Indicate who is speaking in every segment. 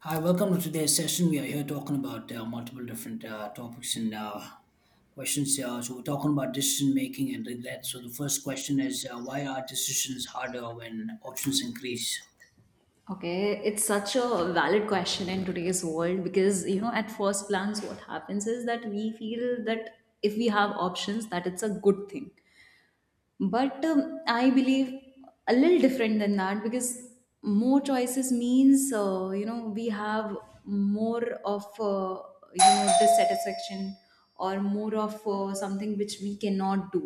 Speaker 1: Hi, welcome to today's session. We are here talking about multiple different topics and questions. We're talking about decision making and regret. So, the first question is why are decisions harder when options increase?
Speaker 2: Okay, it's such a valid question in today's world because, you know, at first glance, what happens is that we feel that if we have options, that it's a good thing, but I believe a little different than that, because more choices means, you know, we have more of you know, dissatisfaction, or more of something which we cannot do.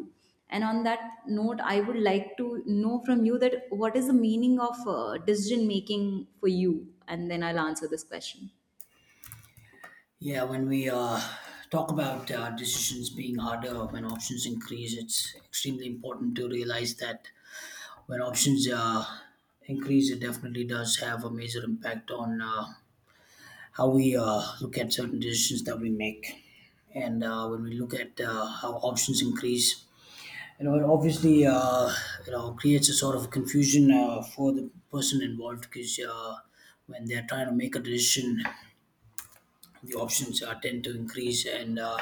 Speaker 2: And on that note, I would like to know from you, that what is the meaning of decision making for you, and then I'll answer this question.
Speaker 1: Yeah, when we talk about decisions being harder when options increase, it's extremely important to realize that when options increase, it definitely does have a major impact on. How we look at certain decisions that we make, and when we look at how options increase, it obviously creates a sort of confusion for the person involved because when they're trying to make a decision, the options tend to increase, and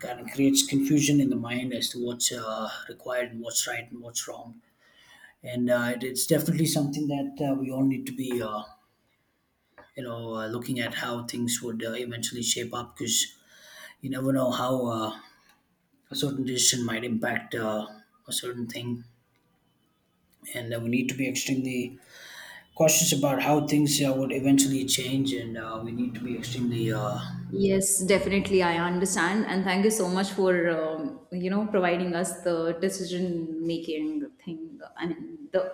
Speaker 1: kind of creates confusion in the mind as to what's required and what's right and what's wrong. And it's definitely something that we all need to be looking at how things would eventually shape up, because you never know how a certain decision might impact a certain thing. And we need to be extremely cautious about how things would eventually change, and we need to be extremely
Speaker 2: Yes, definitely. I understand. And thank you so much for, you know, providing us the decision making thing. I mean, the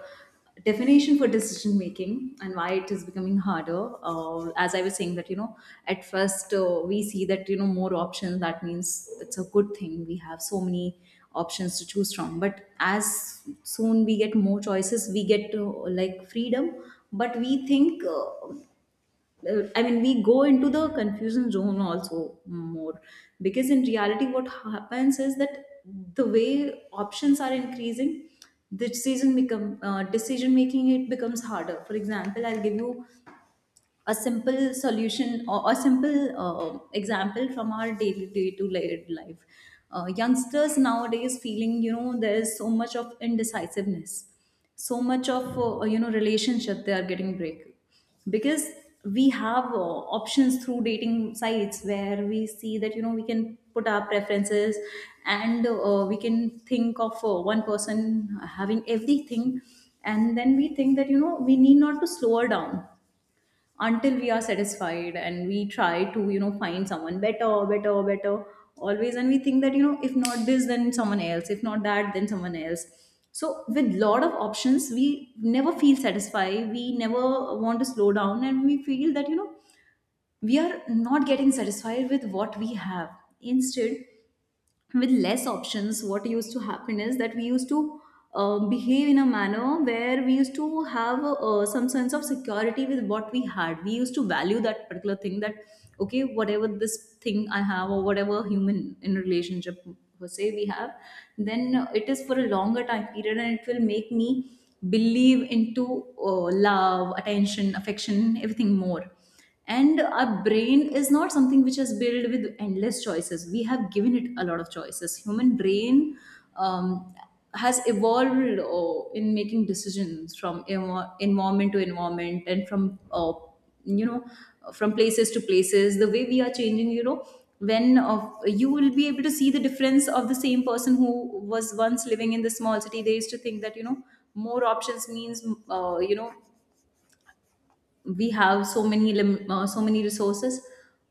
Speaker 2: definition for decision making and why it is becoming harder. As I was saying, that, you know, at first we see that, you know, more options, that means it's a good thing. We have so many options to choose from. But as soon we get more choices, we get like freedom. But we think. I mean, we go into the confusion zone also more, because in reality, what happens is that the way options are increasing, the decision become decision making, it becomes harder. For example, I'll give you a simple solution or a simple example from our daily day to day life. Youngsters nowadays feeling, you know, there's so much of indecisiveness, so much of you know, relationship they are getting break, because we have options through dating sites, where we see that you know we can put our preferences, and we can think of one person having everything. And then we think that you know we need not to slow her down until we are satisfied, and we try to you know find someone better better better always, and we think that you know if not this then someone else, if not that then someone else. So with lot of options we never feel satisfied, we never want to slow down, and we feel that you know we are not getting satisfied with what we have. Instead, with less options what used to happen is that we used to behave in a manner where we used to have some sense of security with what we had. We used to value that particular thing, that okay, whatever this thing I have, or whatever human in relationship per se we have, then it is for a longer time period, and it will make me believe into love, attention, affection, everything more. And our brain is not something which is built with endless choices. We have given it a lot of choices. Human brain um, has evolved in making decisions from environment to environment, and from you know, from places to places, the way we are changing, you know, when you will be able to see the difference of the same person who was once living in the small city, they used to think that you know more options means, you know, we have so many so many resources.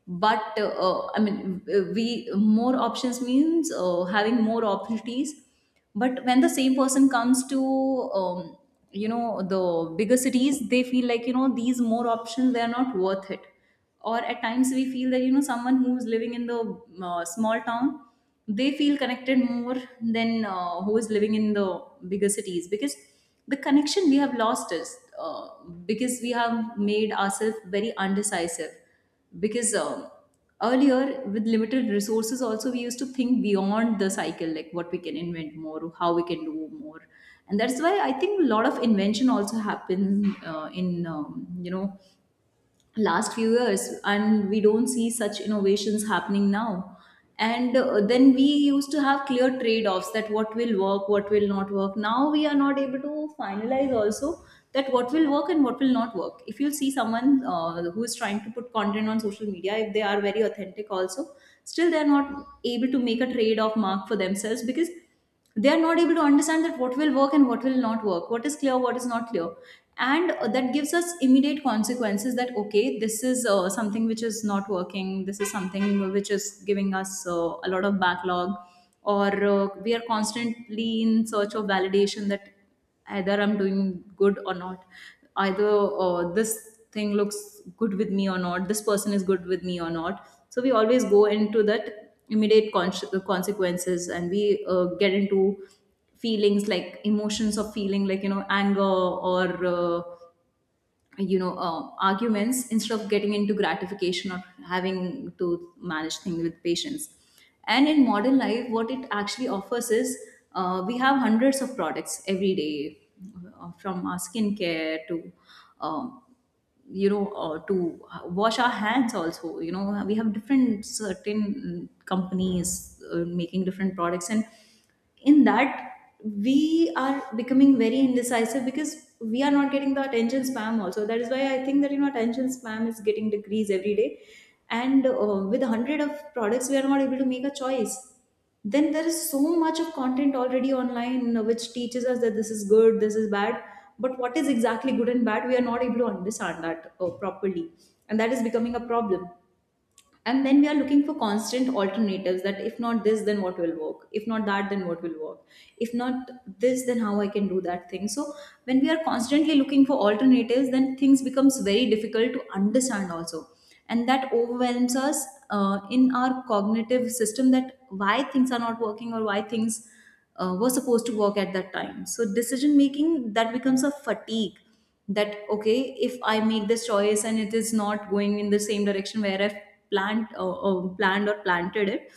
Speaker 2: But I mean, we more options means having more opportunities. But when the same person comes to um, you know the bigger cities, they feel like you know these more options they are not worth it. Or at times we feel that you know someone who's living in the small town, they feel connected more than who is living in the bigger cities, because the connection we have lost is because we have made ourselves very undecisive, because earlier with limited resources also we used to think beyond the cycle, like what we can invent more, how we can do more. And that's why I think a lot of invention also happens in you know, last few years, and we don't see such innovations happening now. And then we used to have clear trade offs, that what will work, what will not work. Now we are not able to finalize also that what will work and what will not work. If you see someone who is trying to put content on social media, if they are very authentic also, still they are not able to make a trade off mark for themselves, because they are not able to understand that what will work and what will not work, what is clear what is not clear. And that gives us immediate consequences, that okay this is something which is not working, this is something which is giving us a lot of backlog. Or we are constantly in search of validation, that either I'm doing good or not, either this thing looks good with me or not, this person is good with me or not. So we always go into that immediate consequences, and we get into feelings like emotions of feeling like you know anger or you know arguments, instead of getting into gratification or having to manage things with patience. And in modern life what it actually offers is we have hundreds of products every day, from our skincare to um, you know to wash our hands also, you know we have different certain companies making different products. And in that we are becoming very indecisive, because we are not getting the attention spam also, that is why I think that you know attention spam is getting decreased every day. And with a hundred of products we are not able to make a choice. Then there is so much of content already online which teaches us that this is good this is bad, but what is exactly good and bad we are not able to understand that properly. And that is becoming a problem. And then we are looking for constant alternatives, that if not this then what will work, if not that then what will work, if not this then how I can do that thing. So when we are constantly looking for alternatives, then things becomes very difficult to understand also, and that overwhelms us in our cognitive system, that why things are not working or why things were supposed to work at that time. So decision making that becomes a fatigue, that okay if I make this choice and it is not going in the same direction where I've planned or planted it,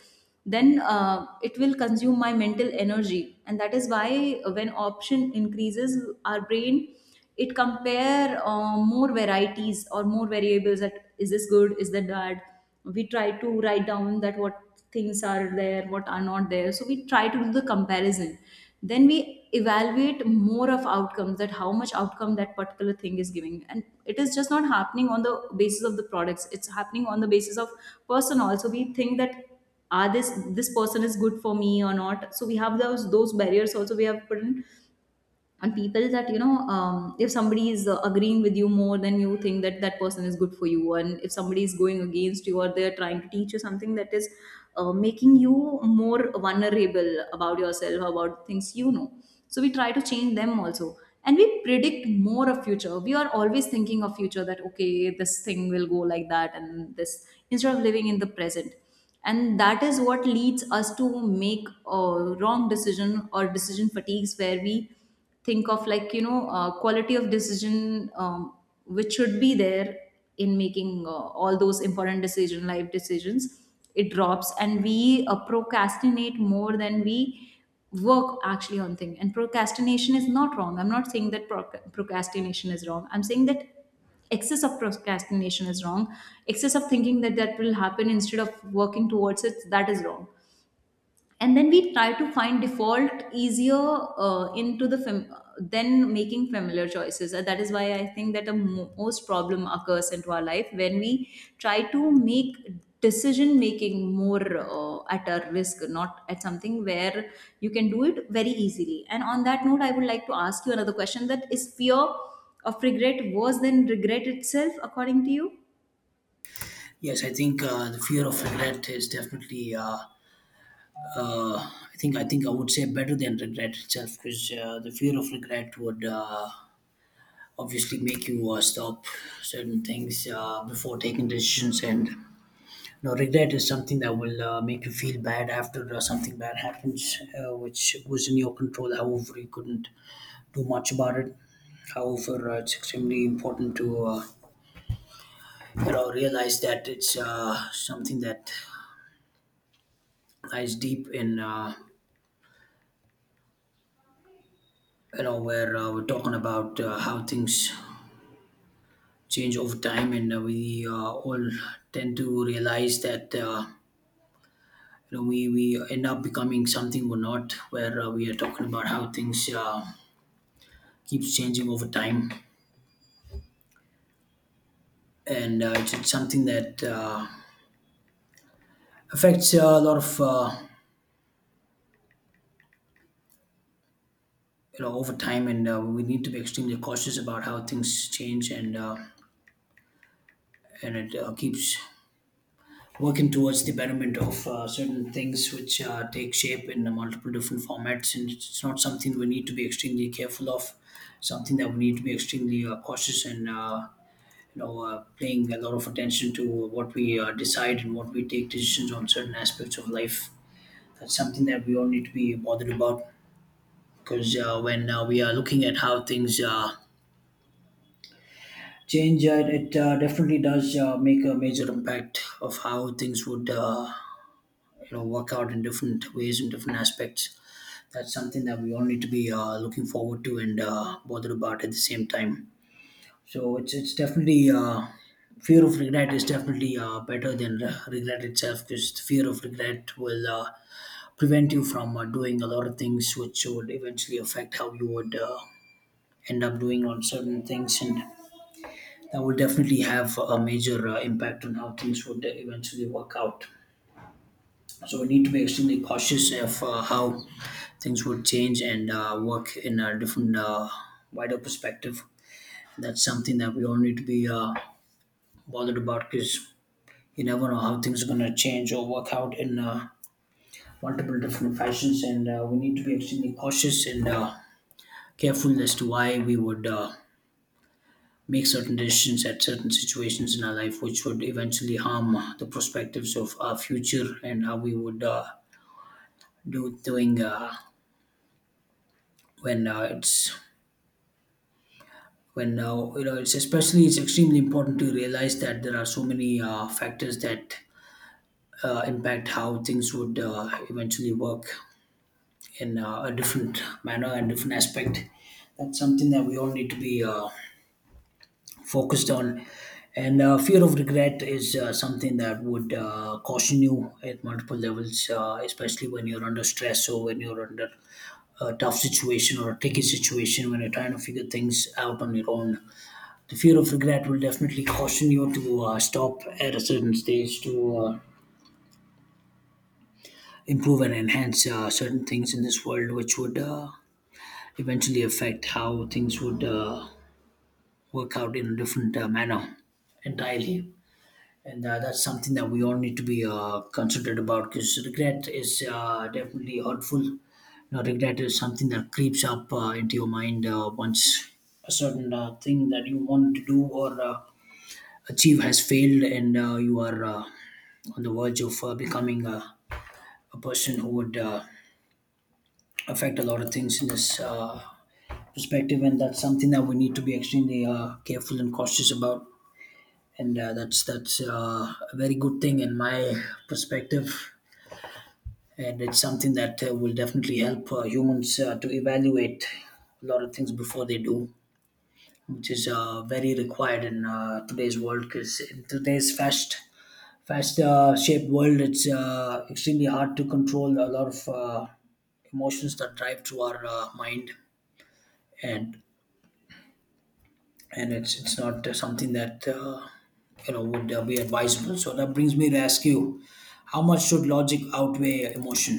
Speaker 2: then it will consume my mental energy. And that is why when option increases our brain, it compare more varieties or more variables, that is this good is that bad. We try to write down that what things are there what are not there, so we try to do the comparison. Then we evaluate more of outcomes, that how much outcome that particular thing is giving. And it is just not happening on the basis of the products, it's happening on the basis of person also. We think that are this person is good for me or not. So we have those barriers also we have put in. And people that you know if somebody is agreeing with you, more than you think that that person is good for you. And if somebody is going against you or they're trying to teach you something, that is making you more vulnerable about yourself about things you know. So we try to change them also. And we predict more of future, we are always thinking of future, that okay this thing will go like that and this, instead of living in the present. And that is what leads us to make a wrong decision or decision fatigues, where we think of like you know quality of decision which should be there in making all those important decision life decisions. It drops, and we procrastinate more than we work actually on thing. And procrastination is not wrong, I'm not saying that procrastination is wrong, I'm saying that excess of procrastination is wrong. Excess of thinking that that will happen instead of working towards it, that is wrong. And then we try to find default easier into the then making familiar choices. And that is why I think that the most problem occurs into our life when we try to make decision making more at our risk, not at something where you can do it very easily. And on that note, I would like to ask you another question, that is fear of regret worse than regret itself according to you?
Speaker 1: yes I think the fear of regret is definitely uh, I think I would say better than regret itself, because the fear of regret would obviously make you stop certain things before taking decisions. And no, regret is something that will make you feel bad after something bad happens, which was in your control. However, you couldn't do much about it. However, it's extremely important to realize that it's something that lies deep in where we're talking about how things change over time, and we all tend to realize that. You know, we end up becoming something we're not, where we are talking about how things keeps changing over time, and it's something that affects a lot of over time, and we need to be extremely cautious about how things change. And and it keeps working towards the betterment of certain things which take shape in multiple different formats, and it's not something we need to be extremely careful of. Something that we need to be extremely cautious and. You know, paying a lot of attention to what we decide and what we take decisions on certain aspects of life. That's something that we all need to be bothered about, because when we are looking at how things change, it definitely does make a major impact of how things would work out in different ways in different aspects. That's something that we all need to be looking forward to and bothered about at the same time. So it's definitely fear of regret is definitely better than regret itself, because the fear of regret will prevent you from doing a lot of things which would eventually affect how you would end up doing on certain things, and that will definitely have a major impact on how things would eventually work out. So we need to be extremely cautious of how things would change and work in a different wider perspective. That's something that we all need to be bothered about, because you never know how things are going to change or work out in multiple different fashions. And we need to be extremely cautious and careful as to why we would make certain decisions at certain situations in our life, which would eventually harm the perspectives of our future and how we would do doing when uh, it's when it's especially it's extremely important to realize that there are so many factors that impact how things would eventually work in a different manner and different aspect. That's something that we all need to be focused on. And fear of regret is something that would caution you at multiple levels, especially when you're under stress or when you're under a tough situation or a tricky situation, when you're trying to figure things out on your own. The fear of regret will definitely caution you to stop at a certain stage to improve and enhance certain things in this world, which would eventually affect how things would work out in a different manner entirely. And that's something that we all need to be considerate about, because regret is definitely hurtful. You know regret is something that creeps up into your mind once a certain thing that you want to do or achieve has failed, and you are on the verge of becoming a person who would affect a lot of things in this perspective. And that's something that we need to be extremely careful and cautious about. And That's a very good thing in my perspective, and it's something that will definitely help humans to evaluate a lot of things before they do, which is very required in today's world. Because in today's fast, fast shaped world, it's extremely hard to control a lot of emotions that drive through our mind, and and it's not something that would be advisable. So that brings me to ask you, how much should logic outweigh emotion?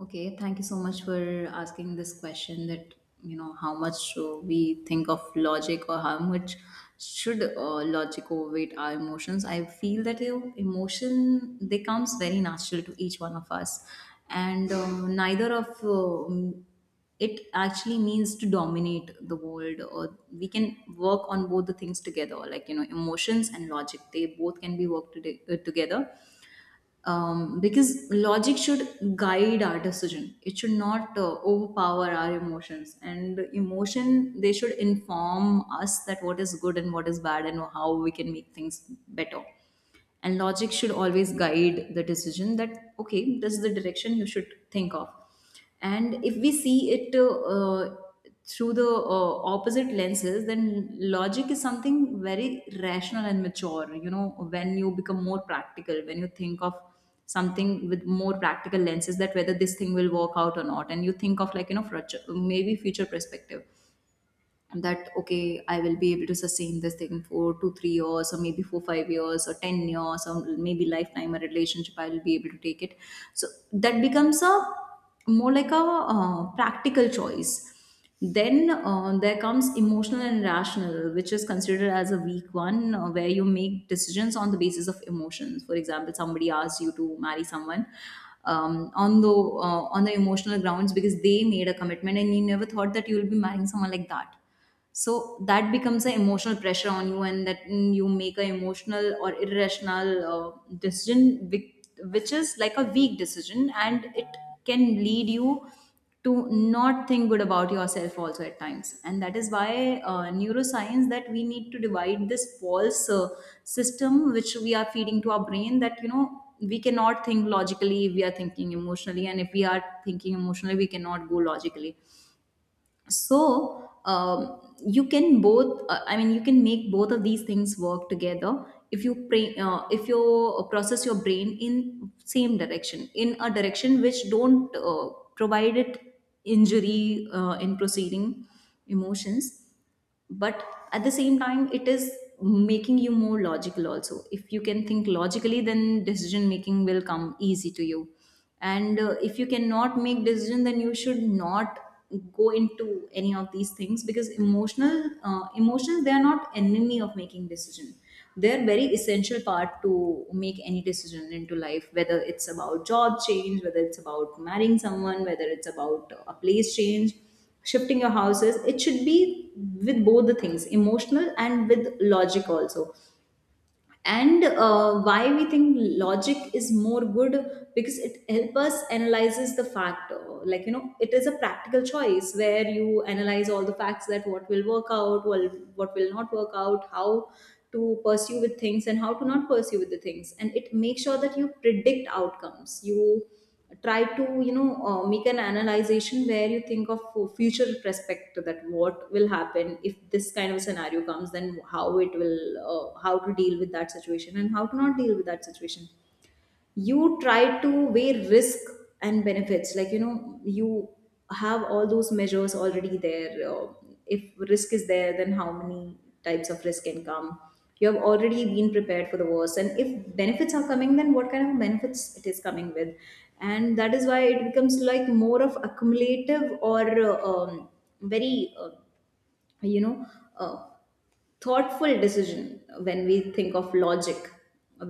Speaker 2: Okay, thank you so much for asking this question, that, you know, how much we think of logic, or how much should logic overweight our emotions. I feel that you know, emotion, they comes very natural to each one of us. And neither of it actually means to dominate the world, or we can work on both the things together, like you know, emotions and logic, they both can be worked together, because logic should guide our decision, it should not overpower our emotions. And emotion, they should inform us that what is good and what is bad and how we can make things better, and logic should always guide the decision that okay, this is the direction you should think of. And if we see it through the opposite lenses, then logic is something very rational and mature, you know, when you become more practical, when you think of something with more practical lenses, that whether this thing will work out or not. And you think of like, you know, future, maybe future perspective, that okay, I will be able to sustain this thing for 2-3 years, or maybe 4-5 years or 10 years, or maybe lifetime, a relationship I will be able to take it. So that becomes a more like a practical choice. Then there comes emotional and rational, which is considered as a weak one, where you make decisions on the basis of emotions. For example, somebody asks you to marry someone, on the on the emotional grounds, because they made a commitment and you never thought that you will be marrying someone like that. So that becomes an emotional pressure on you, and that you make an emotional or irrational decision, which is like a weak decision, and it can lead you to not think good about yourself also at times. And that is why neuroscience, that we need to divide this false system which we are feeding to our brain, that you know, we cannot think logically, we are thinking emotionally, and if we are thinking emotionally we cannot go logically. So you can both I mean, you can make both of these things work together if you pray, if you process your brain in same direction, in a direction which don't provide it injury in proceeding emotions, but at the same time it is making you more logical also. If you can think logically, then decision making will come easy to you. And if you cannot make decision, then you should not go into any of these things, because emotional emotions, they are not enemy of making decision. They're very essential part to make any decision into life, whether it's about job change, whether it's about marrying someone, whether it's about a place change, shifting your houses. It should be with both the things, emotional and with logic also. And why we think logic is more good, because it helps us analyzes the fact, like you know, it is a practical choice where you analyze all the facts, that what will work out well, what will not work out, how to pursue with things and how to not pursue with the things. And it makes sure that you predict outcomes, you try to, you know, make an analyzation where you think of future perspective, that what will happen if this kind of scenario comes, then how it will how to deal with that situation and how to not deal with that situation. You try to weigh risk and benefits, like you know, you have all those measures already there. If risk is there, then how many types of risk can come, you have already been prepared for the worst. And if benefits are coming, then what kind of benefits it is coming with. And that is why it becomes like more of accumulative, or uh, um, very you know, a thoughtful decision when we think of logic,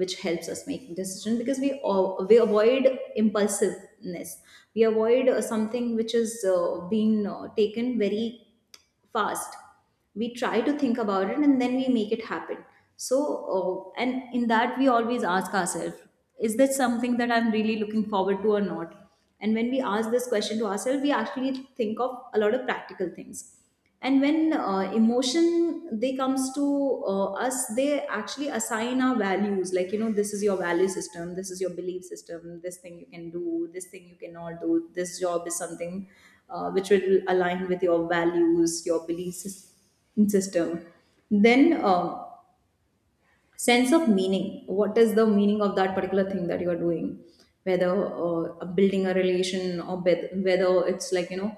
Speaker 2: which helps us make decision, because we avoid impulsiveness, we avoid something which is being taken very fast. We try to think about it and then we make it happen. So and in that, we always ask ourselves, is this something that I'm really looking forward to or not. And when we ask this question to ourselves, we actually think of a lot of practical things. And when emotion, they comes to us, they actually assign our values, like you know, this is your value system, this is your belief system, this thing you can do, this thing you cannot do, this job is something which will align with your values, your system. Then um sense of meaning, what is the meaning of that particular thing that you are doing, whether building a relation, or whether it's like, you know,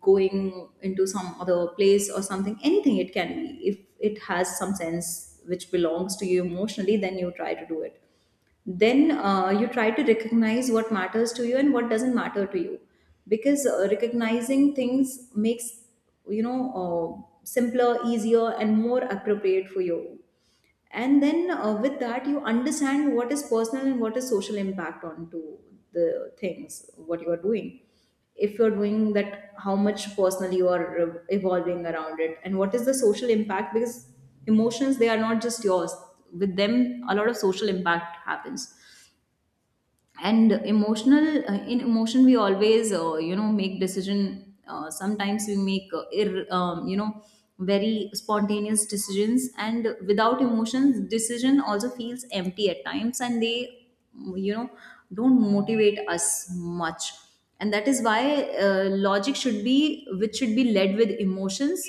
Speaker 2: going into some other place or something, anything it can be, if it has some sense which belongs to you emotionally, then you try to do it. Then you try to recognize what matters to you and what doesn't matter to you, because recognizing things makes, you know, simpler, easier and more appropriate for you. And then with that, you understand what is personal and what is social impact onto the things what you are doing. If you're doing that, how much personally you are evolving around it, and what is the social impact, because emotions, they are not just yours, with them a lot of social impact happens. And emotional in emotion, we always you know, make decision, sometimes we make you know, very spontaneous decisions, and without emotions decision also feels empty at times, and they, you know, don't motivate us much. And that is why logic should be, which should be led with emotions,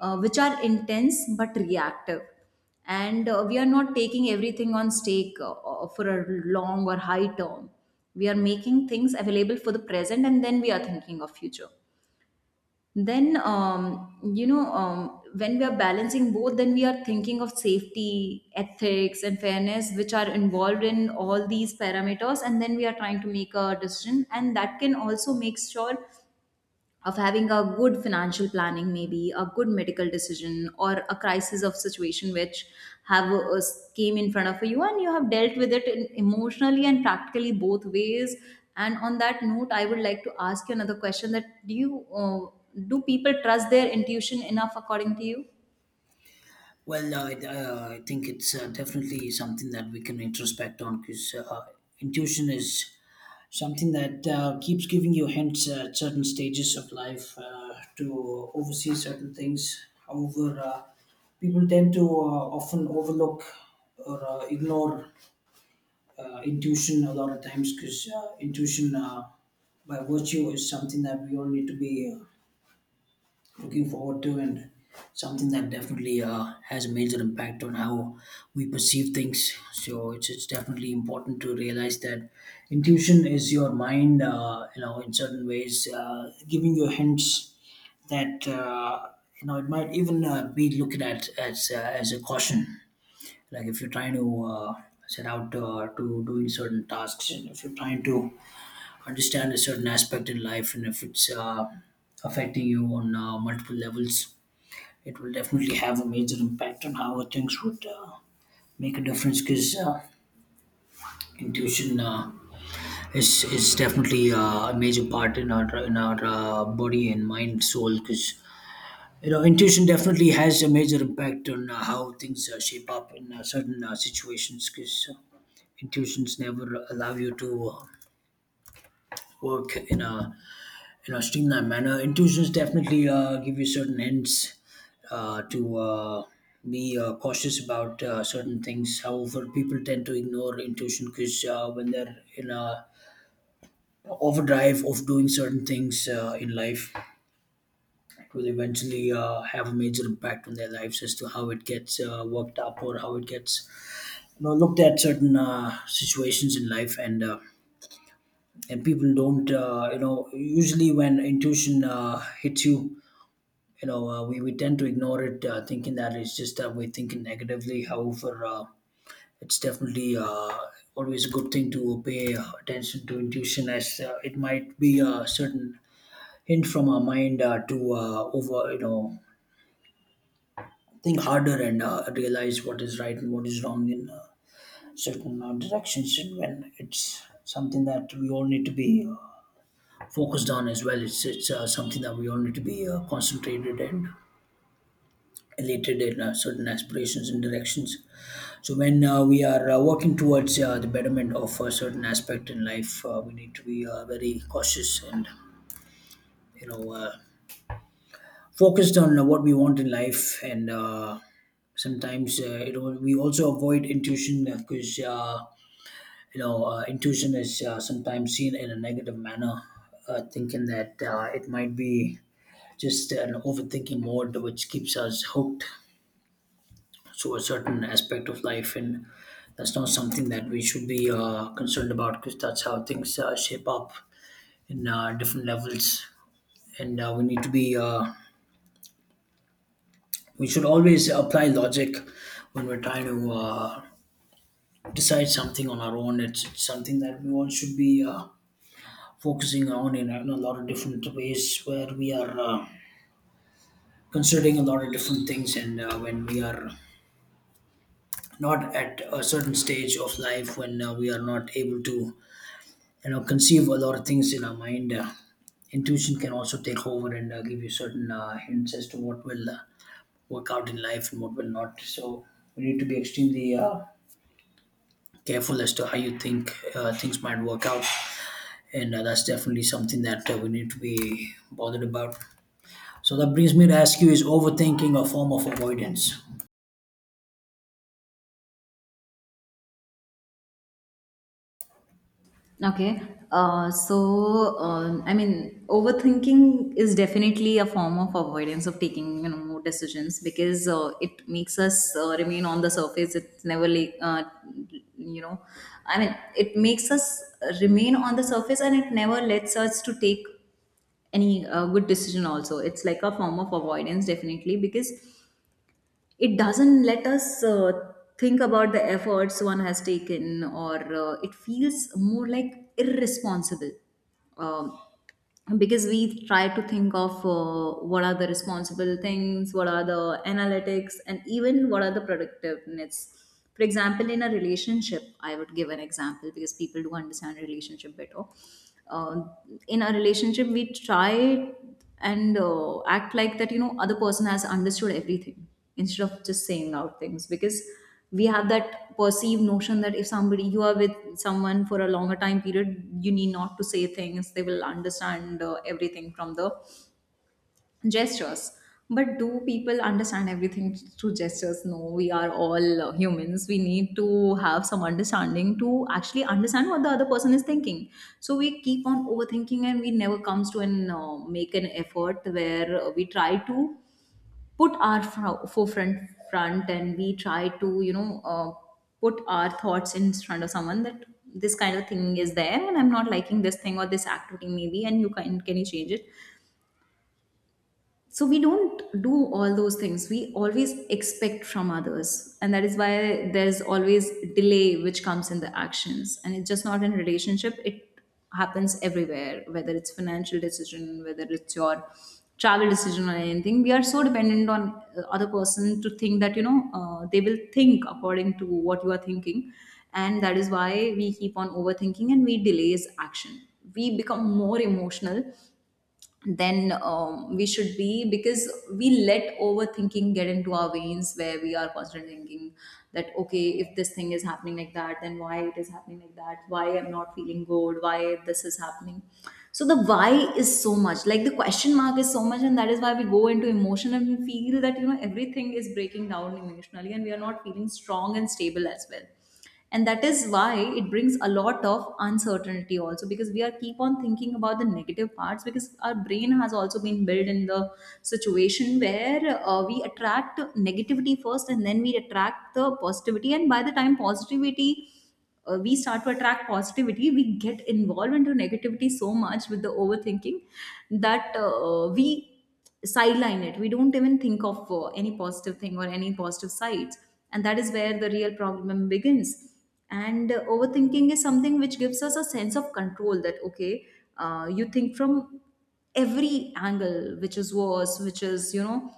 Speaker 2: which are intense but reactive. And we are not taking everything on stake for a long or high term. We are making things available for the present, and then we are thinking of future. Then you know, when we are balancing both, then we are thinking of safety, ethics and fairness, which are involved in all these parameters. And then we are trying to make a decision, and that can also make sure of having a good financial planning, maybe a good medical decision, or a crisis of situation which have came in front of you, and you have dealt with it in emotionally and practically, both ways. And on that note, I would like to ask you another question, that do you do people trust their intuition enough, according to you?
Speaker 1: Well, I think it's definitely something that we can introspect on, because intuition is something that keeps giving you hints at certain stages of life to oversee certain things. However, people tend to often overlook or ignore intuition a lot of times, because intuition, by virtue, is something that we all need to be. Looking forward to, and something that definitely has a major impact on how we perceive things. So it's definitely important to realize that intuition is your mind in certain ways giving you hints that it might even be looked at as a caution. Like if you're trying to set out to doing certain tasks, and if you're trying to understand a certain aspect in life, and if it's affecting you on multiple levels, it will definitely have a major impact on how things would make a difference, because intuition is definitely a major part in our body and mind soul. Because you know intuition definitely has a major impact on how things shape up in certain situations, because intuitions never allow you to work in a streamlined manner. Intuitions definitely give you certain hints to be cautious about certain things. However, people tend to ignore intuition, because when they're in a overdrive of doing certain things in life, it will eventually have a major impact on their lives as to how it gets worked up or how it gets looked at certain situations in life and. And people don't, you know, usually when intuition hits you, we tend to ignore it thinking that it's just that we're thinking negatively. However, it's definitely always a good thing to pay attention to intuition, as it might be a certain hint from our mind to over think harder and realize what is right and what is wrong in certain directions. And when it's something that we all need to be focused on as well, it's something that we all need to be concentrated and elated in certain aspirations and directions. So when we are working towards the betterment of a certain aspect in life, we need to be very cautious and you know uh, focused on what we want in life. And sometimes we also avoid intuition, because intuition is sometimes seen in a negative manner, thinking that it might be just an overthinking mode which keeps us hooked so a certain aspect of life, and that's not something that we should be concerned about, because that's how things shape up in different levels. And we need to be we should always apply logic when we're trying to decide something on our own. It's something that we all should be focusing on in, in a lot of different ways, where we are considering a lot of different things. And when we are not at a certain stage of life, when we are not able to conceive a lot of things in our mind, intuition can also take over and give you certain hints as to what will work out in life and what will not. So we need to be extremely careful as to how you think things might work out. And that's definitely something that we need to be bothered about. So that brings me to ask you, is overthinking a form of avoidance
Speaker 2: Okay. I mean, overthinking is definitely a form of avoidance of taking, you know, more decisions, because it makes us remain on the surface. It's never, like, you know, I mean, it makes us remain on the surface, and it never lets us to take any good decision also. It's like a form of avoidance, definitely, because it doesn't let us think about the efforts one has taken, or it feels more like irresponsible, um, because we try to think of what are the responsible things, what are the analytics, and even what are the productiveness. For example, in a relationship, I would give an example because people do understand relationship better. uh, in a relationship, we try and act like that, you know, other person has understood everything, instead of just saying out things, because we have that perceived notion that if somebody, you are with someone for a longer time period, you need not to say things, they will understand everything from the gestures. But do people understand everything through gestures? No, we are all humans, we need to have some understanding to actually understand what the other person is thinking. So we keep on overthinking, and we never comes to an make an effort where we try to put our forefront front, and we try to, you know, put our thoughts in front of someone that this kind of thing is there, and I'm not liking this thing or this activity maybe, and you can you change it. So we don't do all those things, we always expect from others, and that is why there's always delay which comes in the actions. And it's just not in relationship, it happens everywhere, whether it's financial decision, whether it's your travel decision or anything. We are so dependent on other person to think that, you know, they will think according to what you are thinking. And that is why we keep on overthinking and we delays action. We become more emotional then we should be, because we let overthinking get into our veins, where we are constantly thinking that okay, if this thing is happening like that, then why it is happening like that, why I'm not Feeling good, why this is happening? So the why is so much, like the question mark is so much, and that is why we go into emotion and we feel that you know everything is breaking down emotionally and we are not feeling strong and stable as well. And that is why it brings a lot of uncertainty also, because we are keep on thinking about the negative parts, because our brain has also been built in the situation where we attract negativity first and then we attract the positivity, and by the time positivity we start to attract positivity, we get involved into negativity so much with the overthinking that we sideline it. We don't even think of any positive thing or any positive sides, and that is where the real problem begins. And overthinking is something which gives us a sense of control, that okay, you think from every angle which is worse, which is you know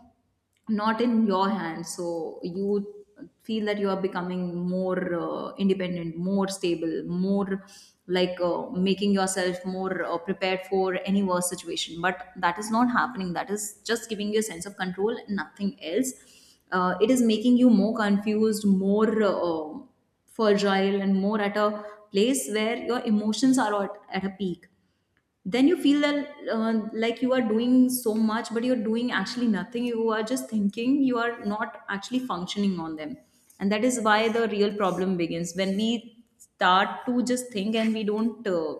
Speaker 2: not in your hands, so you feel that you are becoming more independent, more stable, more like making yourself more prepared for any worse situation, but that is not happening. That is just giving you a sense of control and nothing else. It is making you more confused, more fragile, and more at a place where your emotions are at a peak. Then you feel that like you are doing so much, but you're doing actually nothing. You are just thinking, you are not actually functioning on them. And that is why the real problem begins when we start to just think and we don't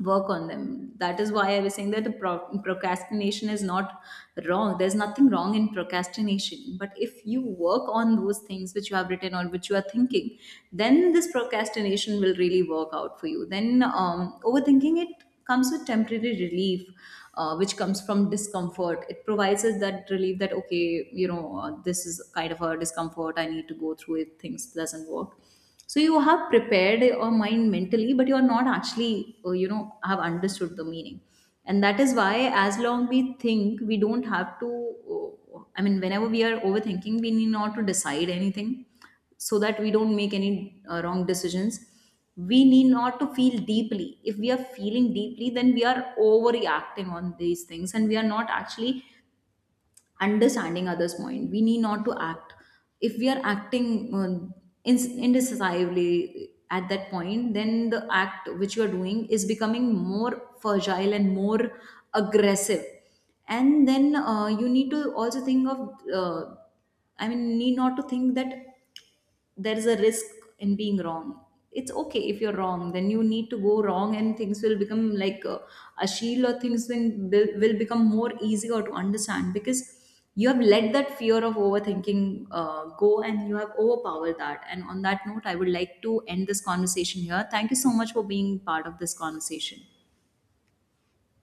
Speaker 2: work on them. That is why I was saying that the procrastination is not wrong, there's nothing wrong in procrastination, but if you work on those things which you have written or which you are thinking, then this procrastination will really work out for you. Then overthinking, it comes with temporary relief which comes from discomfort. It provides us that relief that okay, you know, this is kind of a discomfort, I need to go through it, things doesn't work. So you have prepared your mind mentally, but you are not actually you know have understood the meaning. And that is why as long we think we don't have to I mean whenever we are overthinking, we need not to decide anything, so that we don't make any wrong decisions. We need not to feel deeply. If we are feeling deeply, then we are overreacting on these things and we are not actually understanding others point. We need not to act. If we are acting, indecisively at that point, then the act which you are doing is becoming more fragile and more aggressive. And then you need to also think of uh, I mean, need not to think that there is a risk in being wrong. It's okay, if you're wrong then you need to go wrong, and things will become like a shield, or will become more easier to understand, because you have let that fear of overthinking go, and you have overpowered that. And on that note, I would like to end this conversation here. Thank you so much for being part of this conversation.